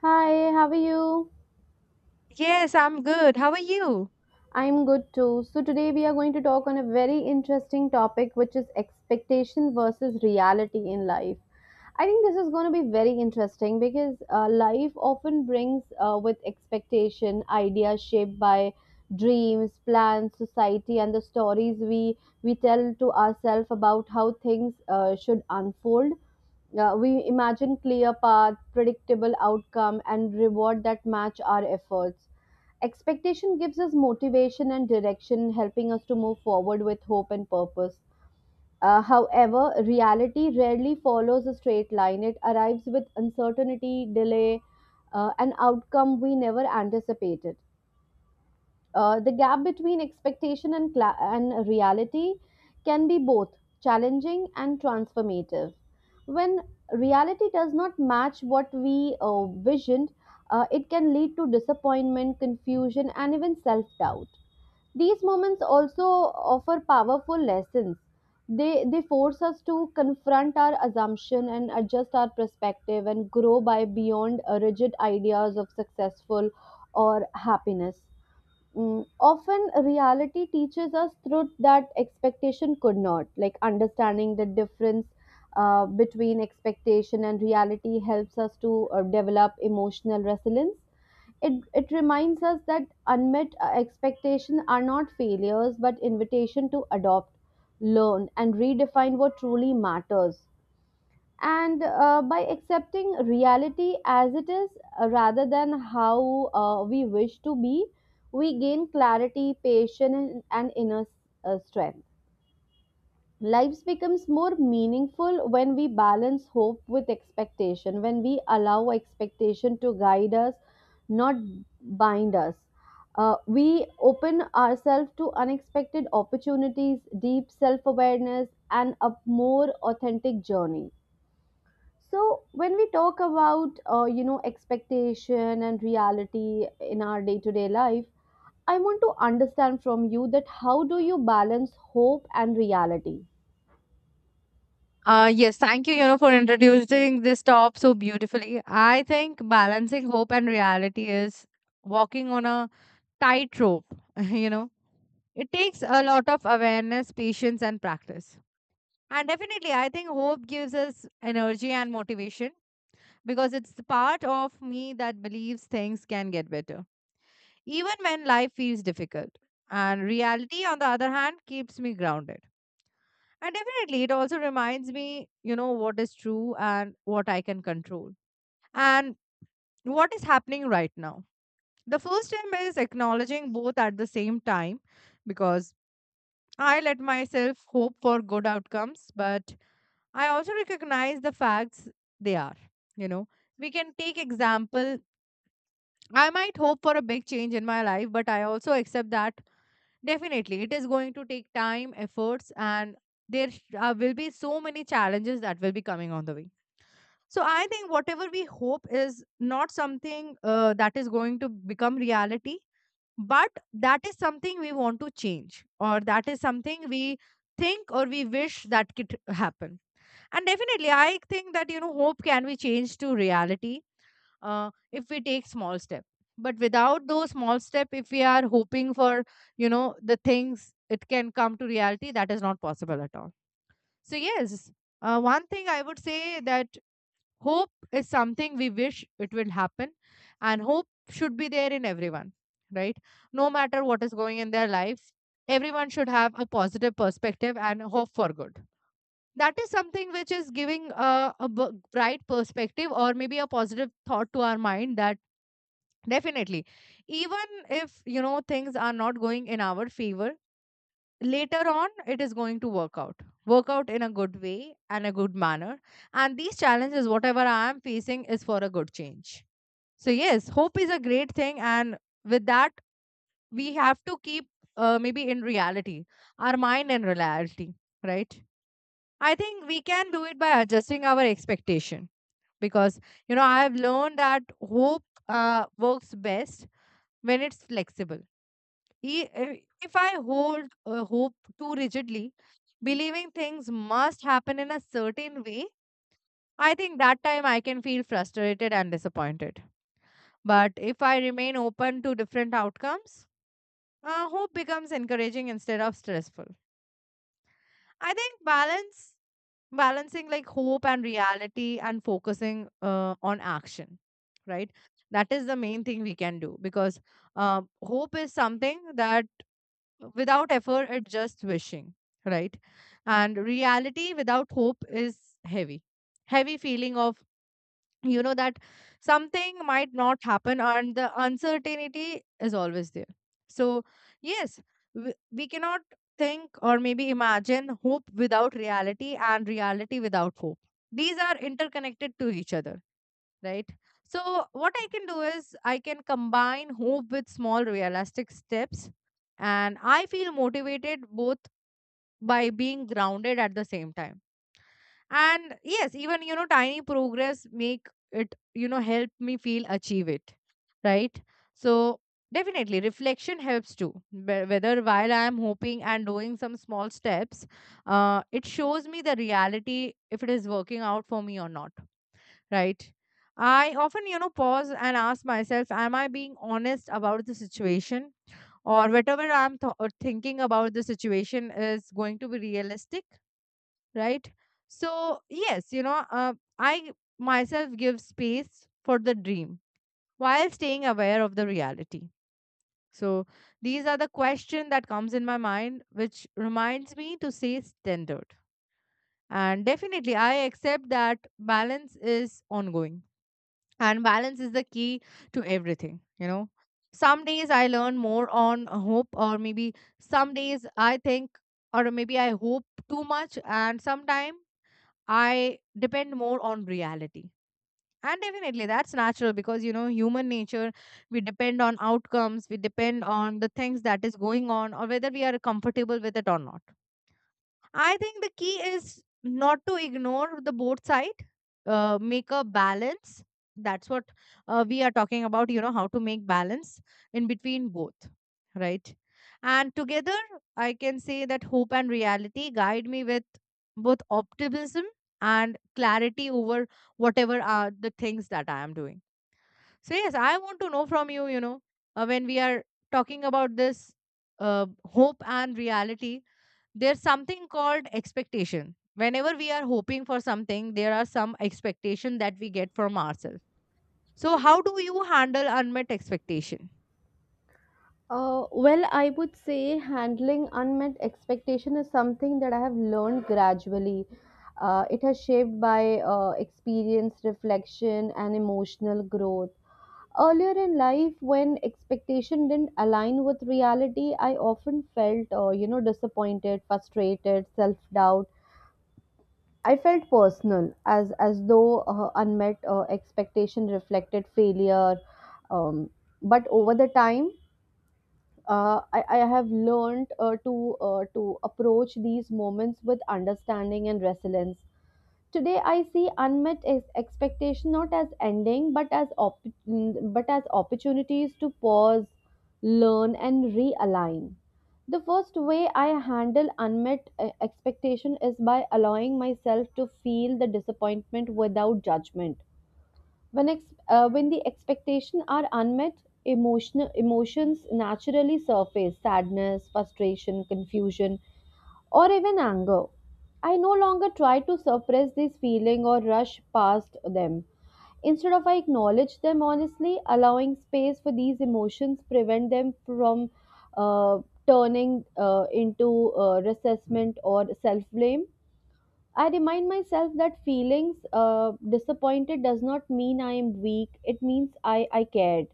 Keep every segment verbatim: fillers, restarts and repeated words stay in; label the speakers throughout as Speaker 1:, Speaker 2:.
Speaker 1: Hi, how are you?
Speaker 2: Yes, I'm good. How are you?
Speaker 1: I'm good too. So, today we are going to talk on a very interesting topic, which is expectation versus reality in life. I think this is going to be very interesting because uh, life often brings uh, with expectation ideas shaped by dreams, plans, society, and the stories we, we tell to ourselves about how things uh, should unfold. Uh, we imagine clear path, predictable outcome, and reward that match our efforts. Expectation gives us motivation and direction, helping us to move forward with hope and purpose. Uh, however, reality rarely follows a straight line. It arrives with uncertainty, delay, uh, an outcome we never anticipated. Uh, the gap between expectation and, cla- and reality can be both challenging and transformative. When reality does not match what we uh, visioned, uh, it can lead to disappointment, confusion, and even self doubt. These moments also offer powerful lessons. They, they force us to confront our assumption and adjust our perspective and grow by beyond uh, rigid ideas of successful or happiness. Mm, often reality teaches us truth that expectation could not, like understanding the difference uh, between expectation and reality helps us to uh, develop emotional resilience. It, it reminds us that unmet uh, expectation are not failures but invitation to adopt, learn and redefine what truly matters, and uh, by accepting reality as it is, uh, rather than how uh, we wish to be, we gain clarity, patience and inner uh, strength. Lives becomes more meaningful when we balance hope with expectation, when we allow expectation to guide us, not bind us. Uh, we open ourselves to unexpected opportunities, deep self-awareness and a more authentic journey. So when we talk about uh, you know expectation and reality in our day-to-day life, I want to understand from you that how do you balance hope and reality?
Speaker 2: Uh, yes, thank you, you know, for introducing this top so beautifully. I think balancing hope and reality is walking on a tightrope, you know. It takes a lot of awareness, patience, and practice. And definitely, I think hope gives us energy and motivation because it's the part of me that believes things can get better, even when life feels difficult. And reality, on the other hand, keeps me grounded. And definitely, it also reminds me, you know, what is true and what I can control and what is happening right now. The first step is acknowledging both at the same time because I let myself hope for good outcomes, but I also recognize the facts they are. You know, we can take example. I might hope for a big change in my life, but I also accept that definitely it is going to take time, efforts, and there sh- uh, will be so many challenges that will be coming on the way. So I think whatever we hope is not something uh, that is going to become reality, but that is something we want to change, or that is something we think or we wish that could happen. And definitely, I think that you know hope can be changed to reality uh, if we take small step. But without those small step, if we are hoping for you know the things, it can come to reality. That is not possible at all. So yes, uh, one thing I would say that hope is something we wish it will happen, and hope should be there in everyone, right? No matter what is going in their life, everyone should have a positive perspective and hope for good. That is something which is giving a, a b- bright perspective or maybe a positive thought to our mind that definitely, even if you know things are not going in our favor, later on it is going to work out work out in a good way and a good manner. And these challenges, whatever I am facing, is for a good change. So yes, hope is a great thing, and with that we have to keep, uh, maybe in reality, our mind in reality, right? I think we can do it by adjusting our expectation, because you know I have learned that hope uh, works best when it's flexible. he, uh, if I hold uh, hope too rigidly, believing things must happen in a certain way, I think that time I can feel frustrated and disappointed. But if I remain open to different outcomes, uh, hope becomes encouraging instead of stressful. I think balance, balancing like hope and reality and focusing uh, on action, right? That is the main thing we can do, because uh, hope is something that without effort it's just wishing, right? And reality without hope is heavy, heavy feeling of you know that something might not happen, and the uncertainty is always there. So yes, we, we cannot think or maybe imagine hope without reality and reality without hope. These are interconnected to each other, right? So, what I can do is I can combine hope with small realistic steps, and I feel motivated both by being grounded at the same time. And yes, even you know, tiny progress make it you know help me feel achieve it, right? So, definitely reflection helps too. Whe- Whether while I am hoping and doing some small steps, uh, it shows me the reality if it is working out for me or not, right? I often, you know, pause and ask myself, am I being honest about the situation? Or whatever I'm th- or thinking about the situation is going to be realistic, right? So, yes, you know, uh, I myself give space for the dream while staying aware of the reality. So, these are the question that comes in my mind, which reminds me to stay standard. And definitely, I accept that balance is ongoing and balance is the key to everything. You know some days I learn more on hope, or maybe some days I think or maybe I hope too much, and sometime I depend more on reality. And definitely, that's natural, because you know human nature, we depend on outcomes, we depend on the things that is going on, or whether we are comfortable with it or not. I think the key is not to ignore the both side. Uh, make a balance. That's what uh, we are talking about. You know how to make balance in between both, right? And together, I can say that hope and reality guide me with both optimism and clarity over whatever are the things that I am doing. So yes, I want to know from you. You know, uh, when we are talking about this uh, hope and reality, there's something called expectation. Whenever we are hoping for something, there are some expectation that we get from ourselves. So how do you handle unmet expectation?
Speaker 1: Uh, well, I would say handling unmet expectation is something that I have learned gradually. Uh, it has shaped by uh, experience, reflection, and emotional growth. Earlier in life, when expectation didn't align with reality, I often felt, uh, you know, disappointed, frustrated, self-doubt. I felt personal, as as though uh, unmet uh, expectation reflected failure. Um, but over the time uh, I, I have learned uh, to uh, to approach these moments with understanding and resilience. Today, I see unmet ex- expectation not as ending, but as op- but as opportunities to pause, learn, and realign. The first way I handle unmet uh, expectation is by allowing myself to feel the disappointment without judgment. When ex- uh, when the expectation are unmet, emotional emotions naturally surface: sadness, frustration, confusion, or even anger. I no longer try to suppress these feelings or rush past them. Instead of I acknowledge them honestly, allowing space for these emotions prevent them from uh, turning uh, into uh, resentment or self blame. I remind myself that feelings uh, disappointed does not mean I am weak, it means I, I cared.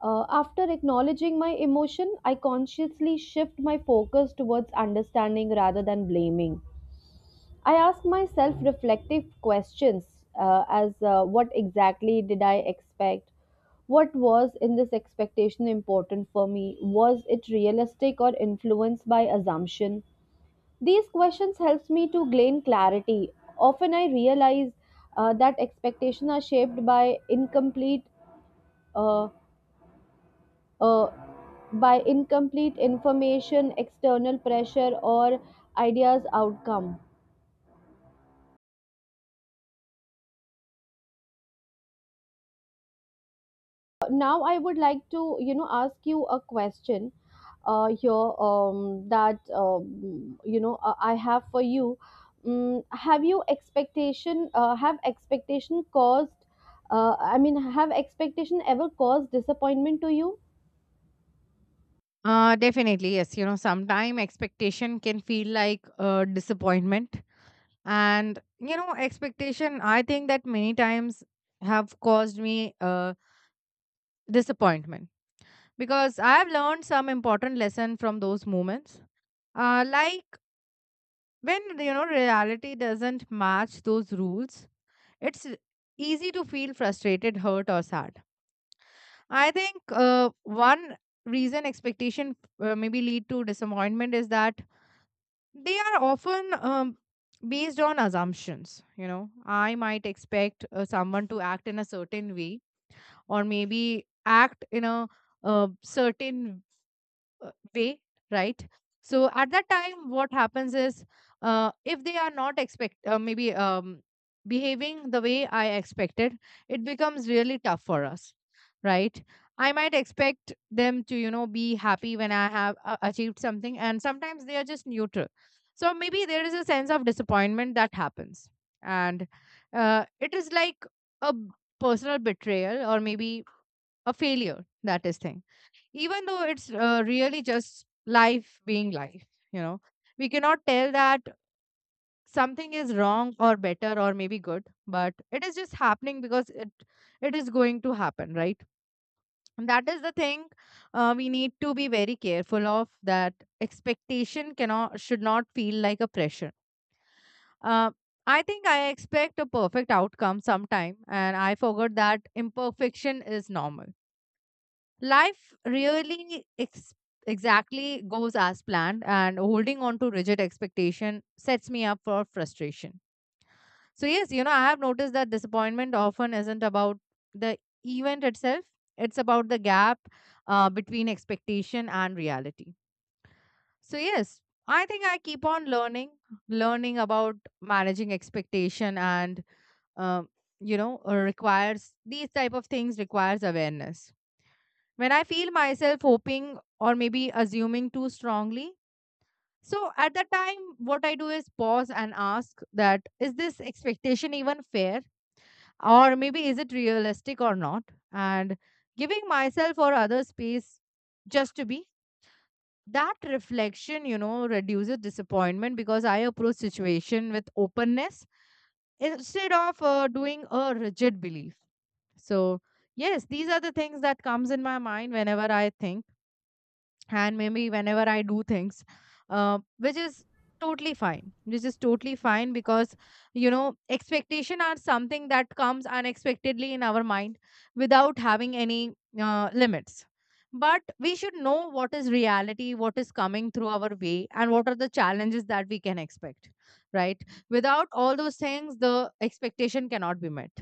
Speaker 1: Uh, after acknowledging my emotion, I consciously shift my focus towards understanding rather than blaming. I ask myself reflective questions uh, as uh, what exactly did I expect? What was in this expectation important for me? Was it realistic or influenced by assumption? These questions helps me to gain clarity. Often I realize uh, that expectations are shaped by incomplete uh, uh, by incomplete information, external pressure, or ideas outcome. Now I would like to, you know, ask you a question uh, here um, that um, you know uh, I have for you. Um, have you expectation? Uh, have expectation caused? Uh, I mean, have expectation ever caused disappointment to you?
Speaker 2: Uh, definitely, yes. You know, sometime expectation can feel like uh, disappointment. And, you know, expectation, I think that many times have caused me uh, disappointment, because I have learned some important lesson from those moments. Uh, like when, you know, reality doesn't match those rules. It's easy to feel frustrated, hurt, or sad. I think uh, one reason expectation uh, maybe lead to disappointment is that they are often um, based on assumptions. You know, I might expect uh, someone to act in a certain way, or maybe act in a uh, certain uh, way, right? So at that time what happens is, uh, if they are not expect, uh, maybe, um, behaving the way I expected, it becomes really tough for us, right? I might expect them to you know be happy when I have uh, achieved something, and sometimes they are just neutral. So maybe there is a sense of disappointment that happens, and uh, it is like a b- personal betrayal or maybe a failure, that is thing. Even though it's uh, really just life being life, you know we cannot tell that something is wrong or better or maybe good, but it is just happening because it it is going to happen, right? And that is the thing, uh, we need to be very careful of that. Expectation cannot should not feel like a pressure. uh, I think I expect a perfect outcome sometime, and I forgot that imperfection is normal. Life really ex- exactly goes as planned, and holding on to rigid expectation sets me up for frustration. So yes, you know I have noticed that disappointment often isn't about the event itself, it's about the gap uh, between expectation and reality. So yes, I think I keep on learning learning about managing expectation, and um, you know uh, requires these type of things, requires awareness when I feel myself hoping or maybe assuming too strongly. So at that time, what I do is pause and ask that is this expectation even fair? Or maybe is it realistic or not? And giving myself or others space just to be. That reflection, you know, reduces disappointment, because I approach situation with openness instead of uh, doing a rigid belief. So yes, these are the things that comes in my mind whenever I think and maybe whenever I do things, uh, which is totally fine, which is totally fine, because you know expectation are something that comes unexpectedly in our mind without having any uh, limits. But we should know what is reality, what is coming through our way, and what are the challenges that we can expect, right? Without all those things, the expectation cannot be met,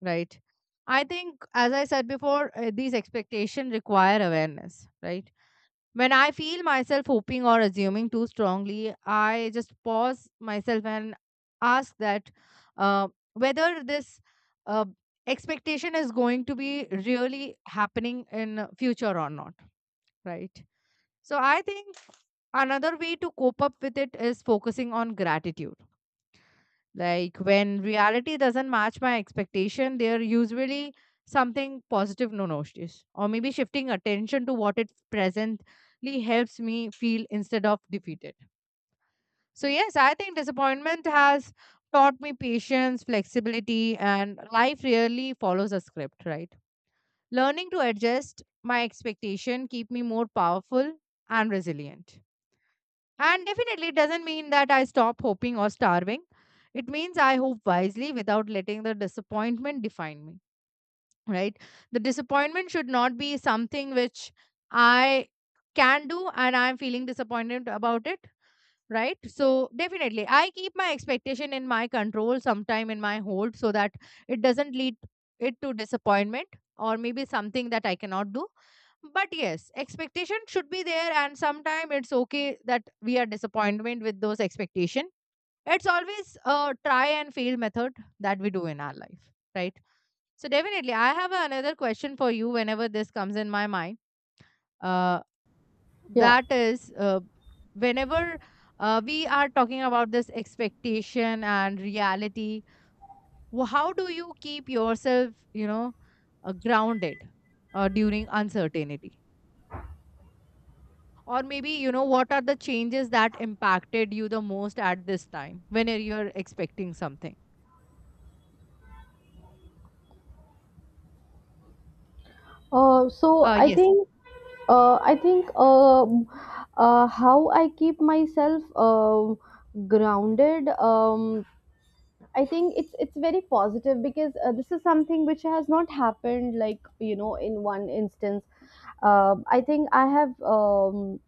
Speaker 2: right? I think, as I said before, uh, these expectations require awareness, right? When I feel myself hoping or assuming too strongly, I just pause myself and ask that uh, whether this uh, expectation is going to be really happening in future or not, right? So I think another way to cope up with it is focusing on gratitude, like when reality doesn't match my expectation, they're usually something positive no notice. Or maybe shifting attention to what it presently helps me feel instead of defeated. So yes, I think disappointment has taught me patience, flexibility, and life really follows a script, right? Learning to adjust my expectation keep me more powerful and resilient. And definitely it doesn't mean that I stop hoping or starving. It means I hope wisely without letting the disappointment define me, right? The disappointment should not be something which I can do and I'm feeling disappointed about it, right? So definitely I keep my expectation in my control, sometime in my hold, so that it doesn't lead it to disappointment, or maybe something that I cannot do. But yes, expectation should be there, and sometime it's okay that we are disappointment with those expectation. It's always a try and fail method that we do in our life, right? So definitely I have another question for you whenever this comes in my mind. uh,
Speaker 1: Yeah.
Speaker 2: that is. Uh, whenever uh, we are talking about this expectation and reality, wh- how do you keep yourself, you know, uh, grounded uh, during uncertainty? Or maybe, you know, what are the changes that impacted you the most at this time when you're expecting something?
Speaker 1: Uh, so
Speaker 2: Uh
Speaker 1: I
Speaker 2: yes.
Speaker 1: think uh, I think um, uh, how I keep myself um grounded, um, I think it's it's very positive because uh, this is something which has not happened like you know in one instance. Um I think I have um,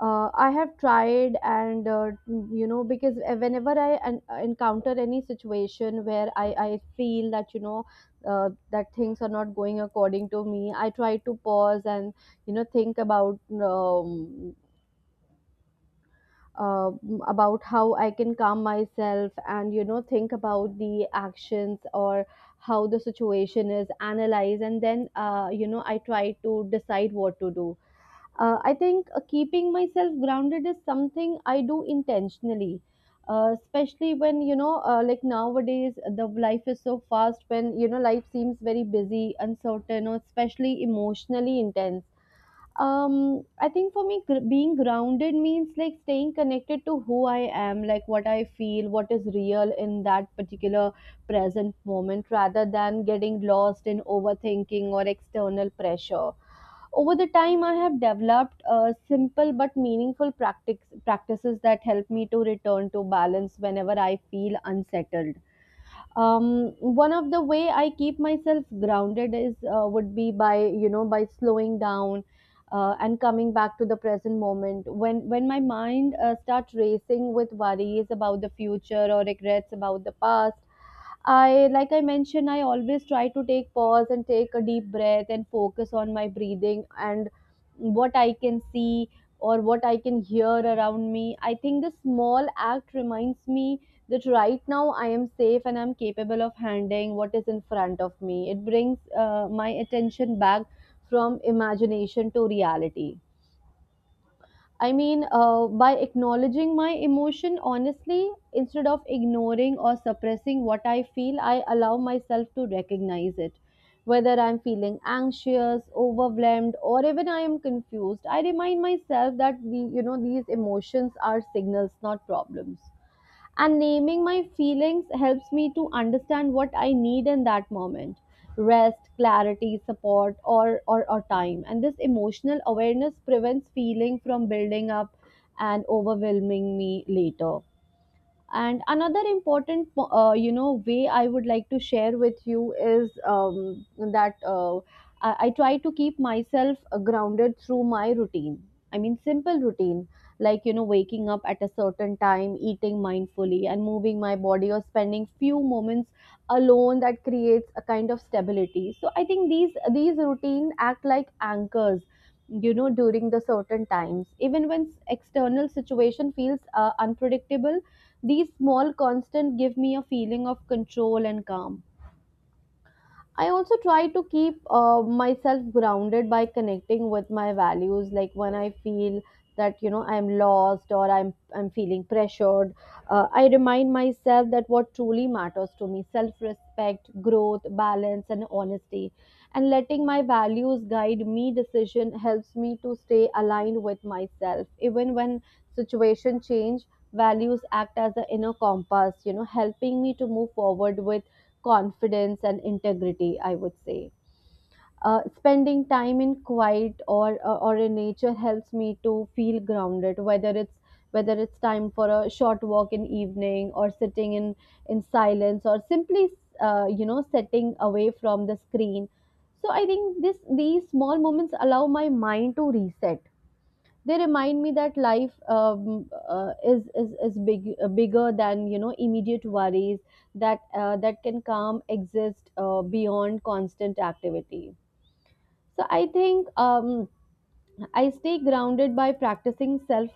Speaker 1: uh, I have tried and uh, you know because uh, whenever I en- uh, encounter any situation where I I feel that you know uh, that things are not going according to me, I try to pause and you know think about. Um, uh, about how I can calm myself and you know think about the actions or how the situation is, analyze, and then uh, you know I try to decide what to do. Uh, I think uh, keeping myself grounded is something I do intentionally. Uh, especially when you know uh, like nowadays the life is so fast, when you know life seems very busy uncertain or especially emotionally intense. um I think for me gr- being grounded means like staying connected to who I am, like what I feel, what is real in that particular present moment rather than getting lost in overthinking or external pressure. Over the time I have developed uh, simple but meaningful practice, practices that help me to return to balance whenever I feel unsettled. um, One of the way I keep myself grounded is uh, would be by you know by slowing down uh, and coming back to the present moment, when when my mind uh, starts racing with worries about the future or regrets about the past. I, like I mentioned, I always try to take pause and take a deep breath and focus on my breathing and what I can see or what I can hear around me. I think this small act reminds me that right now I am safe and I'm capable of handling what is in front of me. It brings uh, my attention back from imagination to reality. I mean, uh, by acknowledging my emotion honestly, instead of ignoring or suppressing what I feel, I allow myself to recognize it. Whether I'm feeling anxious, overwhelmed, or even I am confused, I remind myself that the, you know these emotions are signals, not problems, and naming my feelings helps me to understand what I need in that moment: rest, clarity, support, or or, or time. And this emotional awareness prevents feeling from building up and overwhelming me later. And another important, uh, you know way I would like to share with you is um, that uh, I, I try to keep myself uh, grounded through my routine. I mean simple routine, like you know waking up at a certain time, eating mindfully and moving my body or spending few moments alone, that creates a kind of stability. So I think these these routine act like anchors, you know, during the certain times even when s- external situation feels uh, unpredictable. These small constants give me a feeling of control and calm. I also try to keep uh, myself grounded by connecting with my values. Like when I feel that you know I'm lost or I'm I'm feeling pressured, uh, I remind myself that what truly matters to me: self-respect, growth, balance, and honesty. And letting my values guide me decision helps me to stay aligned with myself, even when situation change. Values act as an inner compass, you know, helping me to move forward with confidence and integrity, I would say. Uh, spending time in quiet or uh, or in nature helps me to feel grounded, whether it's whether it's time for a short walk in evening or sitting in in silence or simply uh, you know setting away from the screen. So I think this these small moments allow my mind to reset. They remind me that life um, uh, is is is big uh, bigger than you know immediate worries, that uh, that can calm exist uh, beyond constant activity. So I think. Um, I stay grounded by practicing self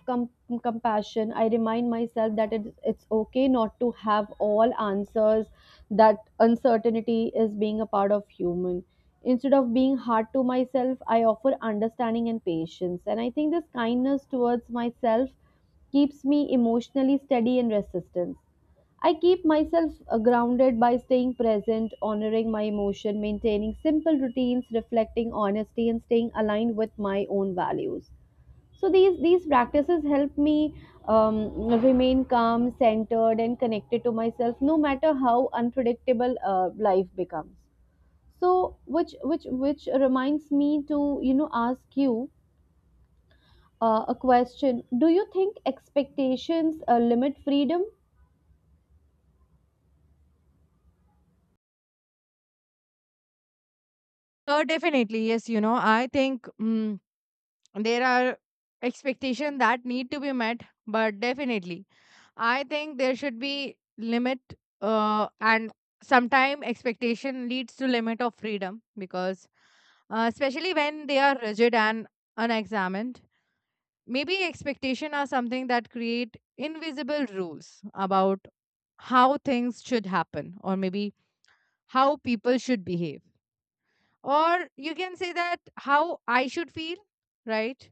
Speaker 1: compassion. I remind myself that it's, it's okay not to have all answers, that uncertainty is being a part of human. Instead of being hard to myself, I offer understanding and patience. And I think this kindness towards myself keeps me emotionally steady and resistant. I keep myself uh, grounded by staying present, honoring my emotion, maintaining simple routines, reflecting honesty, and staying aligned with my own values. So these these practices help me um, remain calm, centered, and connected to myself, no matter how unpredictable uh, life becomes. So which which which reminds me to you know ask you uh, a question. Do you think expectations uh, limit freedom?
Speaker 2: uh, Definitely, yes, you know. I think, mm there are expectations that need to be met, but definitely I think there should be limit. Uh, and sometime expectation leads to limit of freedom, because uh, especially when they are rigid and unexamined. Maybe expectation are something that create invisible rules about how things should happen, or maybe how people should behave, or you can say that how I should feel, right?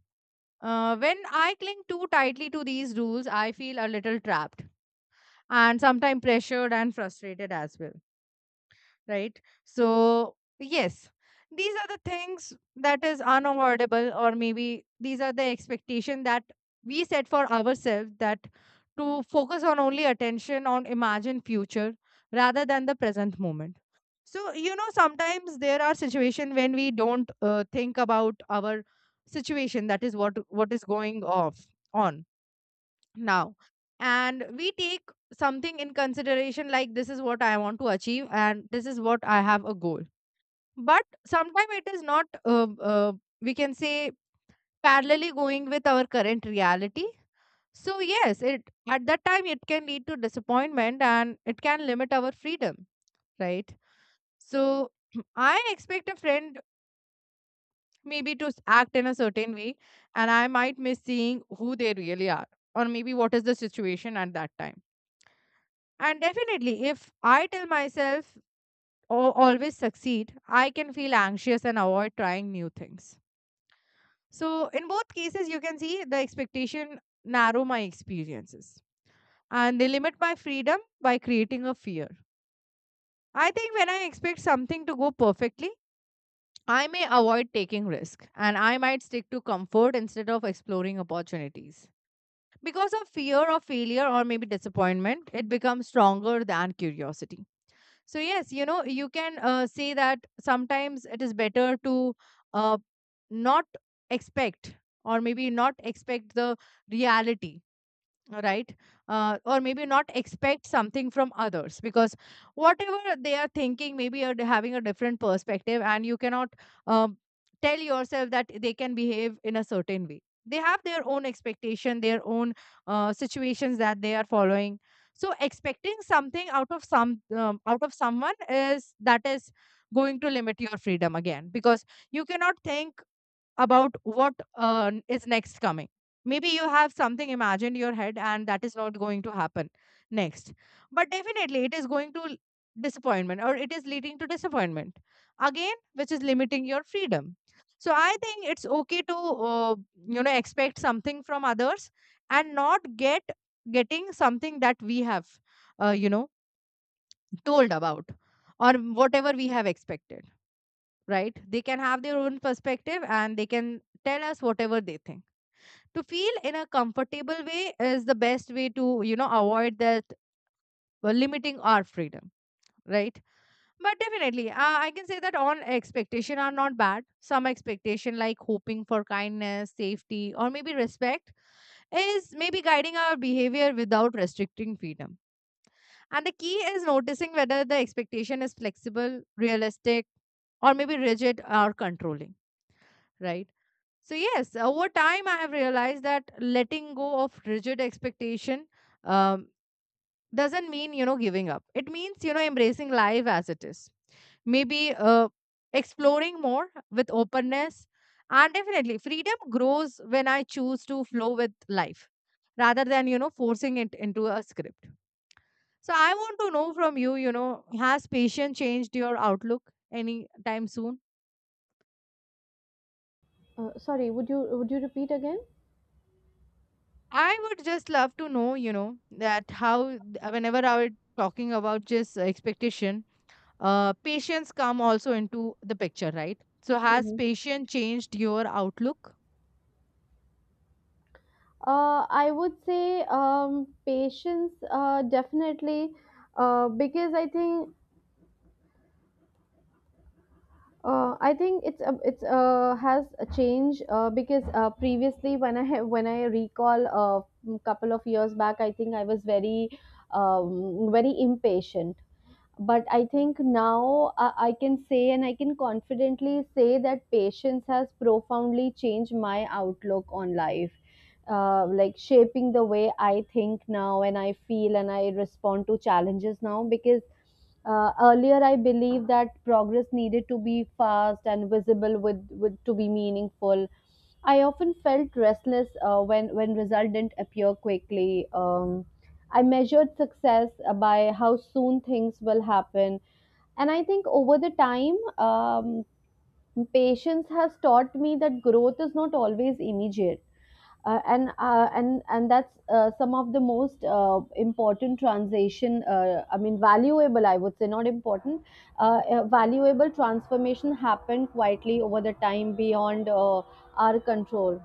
Speaker 2: uh, When I cling too tightly to these rules, I feel a little trapped and sometimes pressured and frustrated as well, right? So, yes, these are the things that is unavoidable, or maybe these are the expectation that we set for ourselves, that to focus on only attention on imagined future rather than the present moment. So, you know, sometimes there are situations when we don't uh, think about our situation, that is what what is going off on now, and we take something in consideration like this is what I want to achieve and this is what I have a goal. But sometimes it is not uh, uh, we can say parallelly going with our current reality. So yes, it at that time it can lead to disappointment and it can limit our freedom, right? So I expect a friend maybe to s- act in a certain way, and I might miss seeing who they really are, or maybe what is the situation at that time. And definitely, if I tell myself, "Oh, always succeed," I can feel anxious and avoid trying new things. So, in both cases, you can see the expectation narrow my experiences and they limit my freedom by creating a fear. I think when I expect something to go perfectly, I may avoid taking risk and I might stick to comfort instead of exploring opportunities. Because of fear of failure or maybe disappointment, it becomes stronger than curiosity. So yes, you know, you can uh, say that sometimes it is better to uh, not expect, or maybe not expect the reality. All right. Uh, or maybe not expect something from others, because whatever they are thinking maybe are having a different perspective, and you cannot um, tell yourself that they can behave in a certain way. They have their own expectation, their own uh, situations that they are following. So expecting something out of some um, out of someone, is that is going to limit your freedom again, because you cannot think about what uh, is next coming. Maybe you have something imagined in your head and that is not going to happen next. But definitely it is going to l- disappointment, or it is leading to disappointment again, which is limiting your freedom. So I think it's okay to uh, you know expect something from others and not get getting something that we have, uh, you know told about, or whatever we have expected, right? They can have their own perspective and they can tell us whatever they think. To feel in a comfortable way is the best way to, you know, avoid that uh, limiting our freedom, right? But definitely, uh, I can say that on expectation are not bad. Some expectation like hoping for kindness, safety, or maybe respect is maybe guiding our behavior without restricting freedom. And the key is noticing whether the expectation is flexible, realistic, or maybe rigid or controlling, right? So yes, over time I have realized that letting go of rigid expectation um, doesn't mean, you know, giving up. It means, you know, embracing life as it is. Maybe uh, exploring more with openness, and definitely freedom grows when I choose to flow with life rather than, you know, forcing it into a script. So I want to know from you, you know, has patience changed your outlook any time soon?
Speaker 1: Uh, sorry, would you would you repeat again?
Speaker 2: I would just love to know, you know, that how th- whenever I was talking about just uh, expectation, uh, patience come also into the picture, right? So has
Speaker 1: Mhm.
Speaker 2: patience changed your outlook?
Speaker 1: Uh, I would say um, patience, uh, definitely, uh, because I think uh, I think it's a it's uh, has a change uh, because uh, previously when I when I recall a couple of years back, I think I was very um, very impatient. But I think now, uh, I can say, and I can confidently say that patience has profoundly changed my outlook on life, uh, like shaping the way I think now, and I feel, and I respond to challenges now. Because uh, earlier I believed that progress needed to be fast and visible with, with to be meaningful, I often felt restless uh, when when result didn't appear quickly. um, I measured success uh, by how soon things will happen. And I think over the time, um, patience has taught me that growth is not always immediate. Uh, and uh, and and that's uh, some of the most uh, important transition. Uh, I mean, valuable. I would say not important. Uh, uh, valuable transformation happened quietly over the time beyond uh, our control.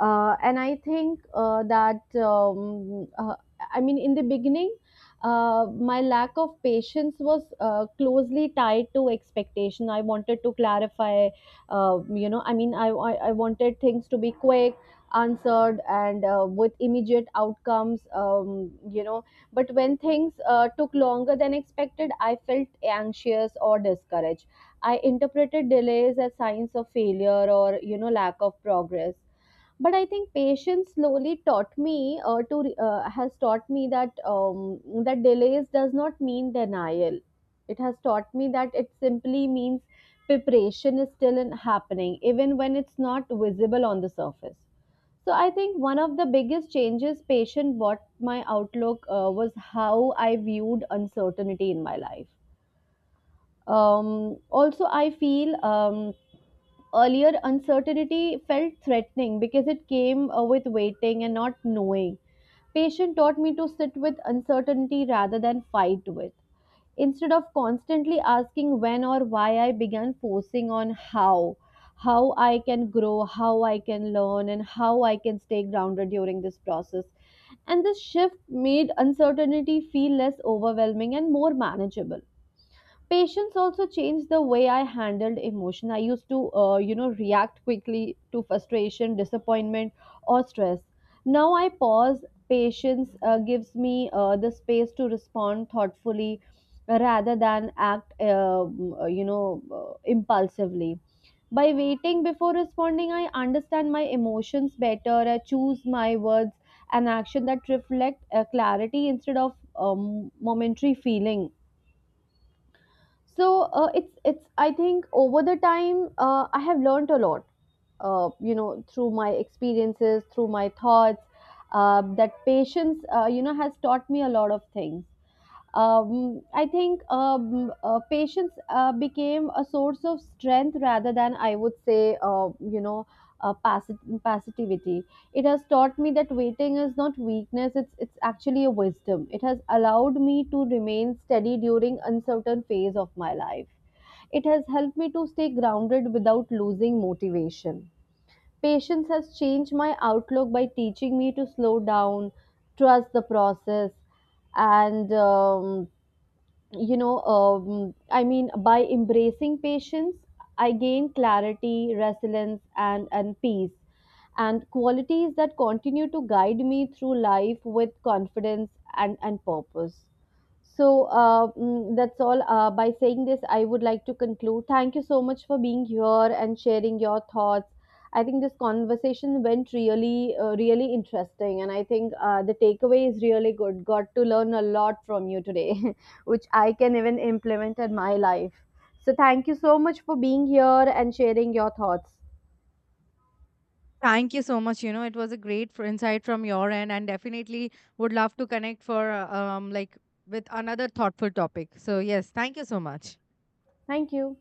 Speaker 1: Uh, and I think uh, that, um, uh, I mean, in the beginning, uh, my lack of patience was uh, closely tied to expectation. I wanted to clarify, uh, you know, I mean, I, I, I wanted things to be quick, answered, and uh, with immediate outcomes, um, you know. But when things uh, took longer than expected, I felt anxious or discouraged. I interpreted delays as signs of failure or, you know, lack of progress. But I think patience slowly taught me uh, to re- uh, has taught me that um, that delays does not mean denial. It has taught me that it simply means preparation is still in happening, even when it's not visible on the surface. So I think one of the biggest changes patient brought my outlook uh, was how I viewed uncertainty in my life. Um, also, I feel. Um, earlier uncertainty felt threatening because it came uh, with waiting and not knowing. Patience taught me to sit with uncertainty rather than fight with. Instead of constantly asking when or why, I began focusing on how how I can grow, how I can learn, and how I can stay grounded during this process. And this shift made uncertainty feel less overwhelming and more manageable. Patience also changed the way I handled emotion. I used to, uh, you know, react quickly to frustration, disappointment, or stress. Now I pause. Patience uh, gives me uh, the space to respond thoughtfully rather than act, uh, uh, you know, uh, impulsively. By waiting before responding, I understand my emotions better. I choose my words and action that reflect uh, clarity instead of um, momentary feeling. So uh, it's it's I think over the time uh, I have learned a lot. Uh, you know, through my experiences, through my thoughts, uh, that patience, uh, you know, has taught me a lot of things. Um, I think um, uh, Patience uh, became a source of strength rather than, I would say, uh, you know, uh, passi- passivity. It has taught me that waiting is not weakness, it's it's actually a wisdom. It has allowed me to remain steady during uncertain phase of my life. It has helped me to stay grounded without losing motivation. Patience has changed my outlook by teaching me to slow down, trust the process, and um, you know um, I mean, by embracing patience, I gain clarity, resilience, and and peace, and qualities that continue to guide me through life with confidence and and purpose. So uh, mm, that's all. Uh, by saying this, I would like to conclude. Thank you so much for being here and sharing your thoughts. I think this conversation went really uh, really interesting, and I think uh, the takeaway is really good. Got to learn a lot from you today, which I can even implement in my life. So, thank you so much for being here and sharing your thoughts.
Speaker 2: Thank you so much. You know, it was a great f- insight from your end, and definitely would love to connect for uh, um like with another thoughtful topic. So yes, thank you so much.
Speaker 1: Thank you.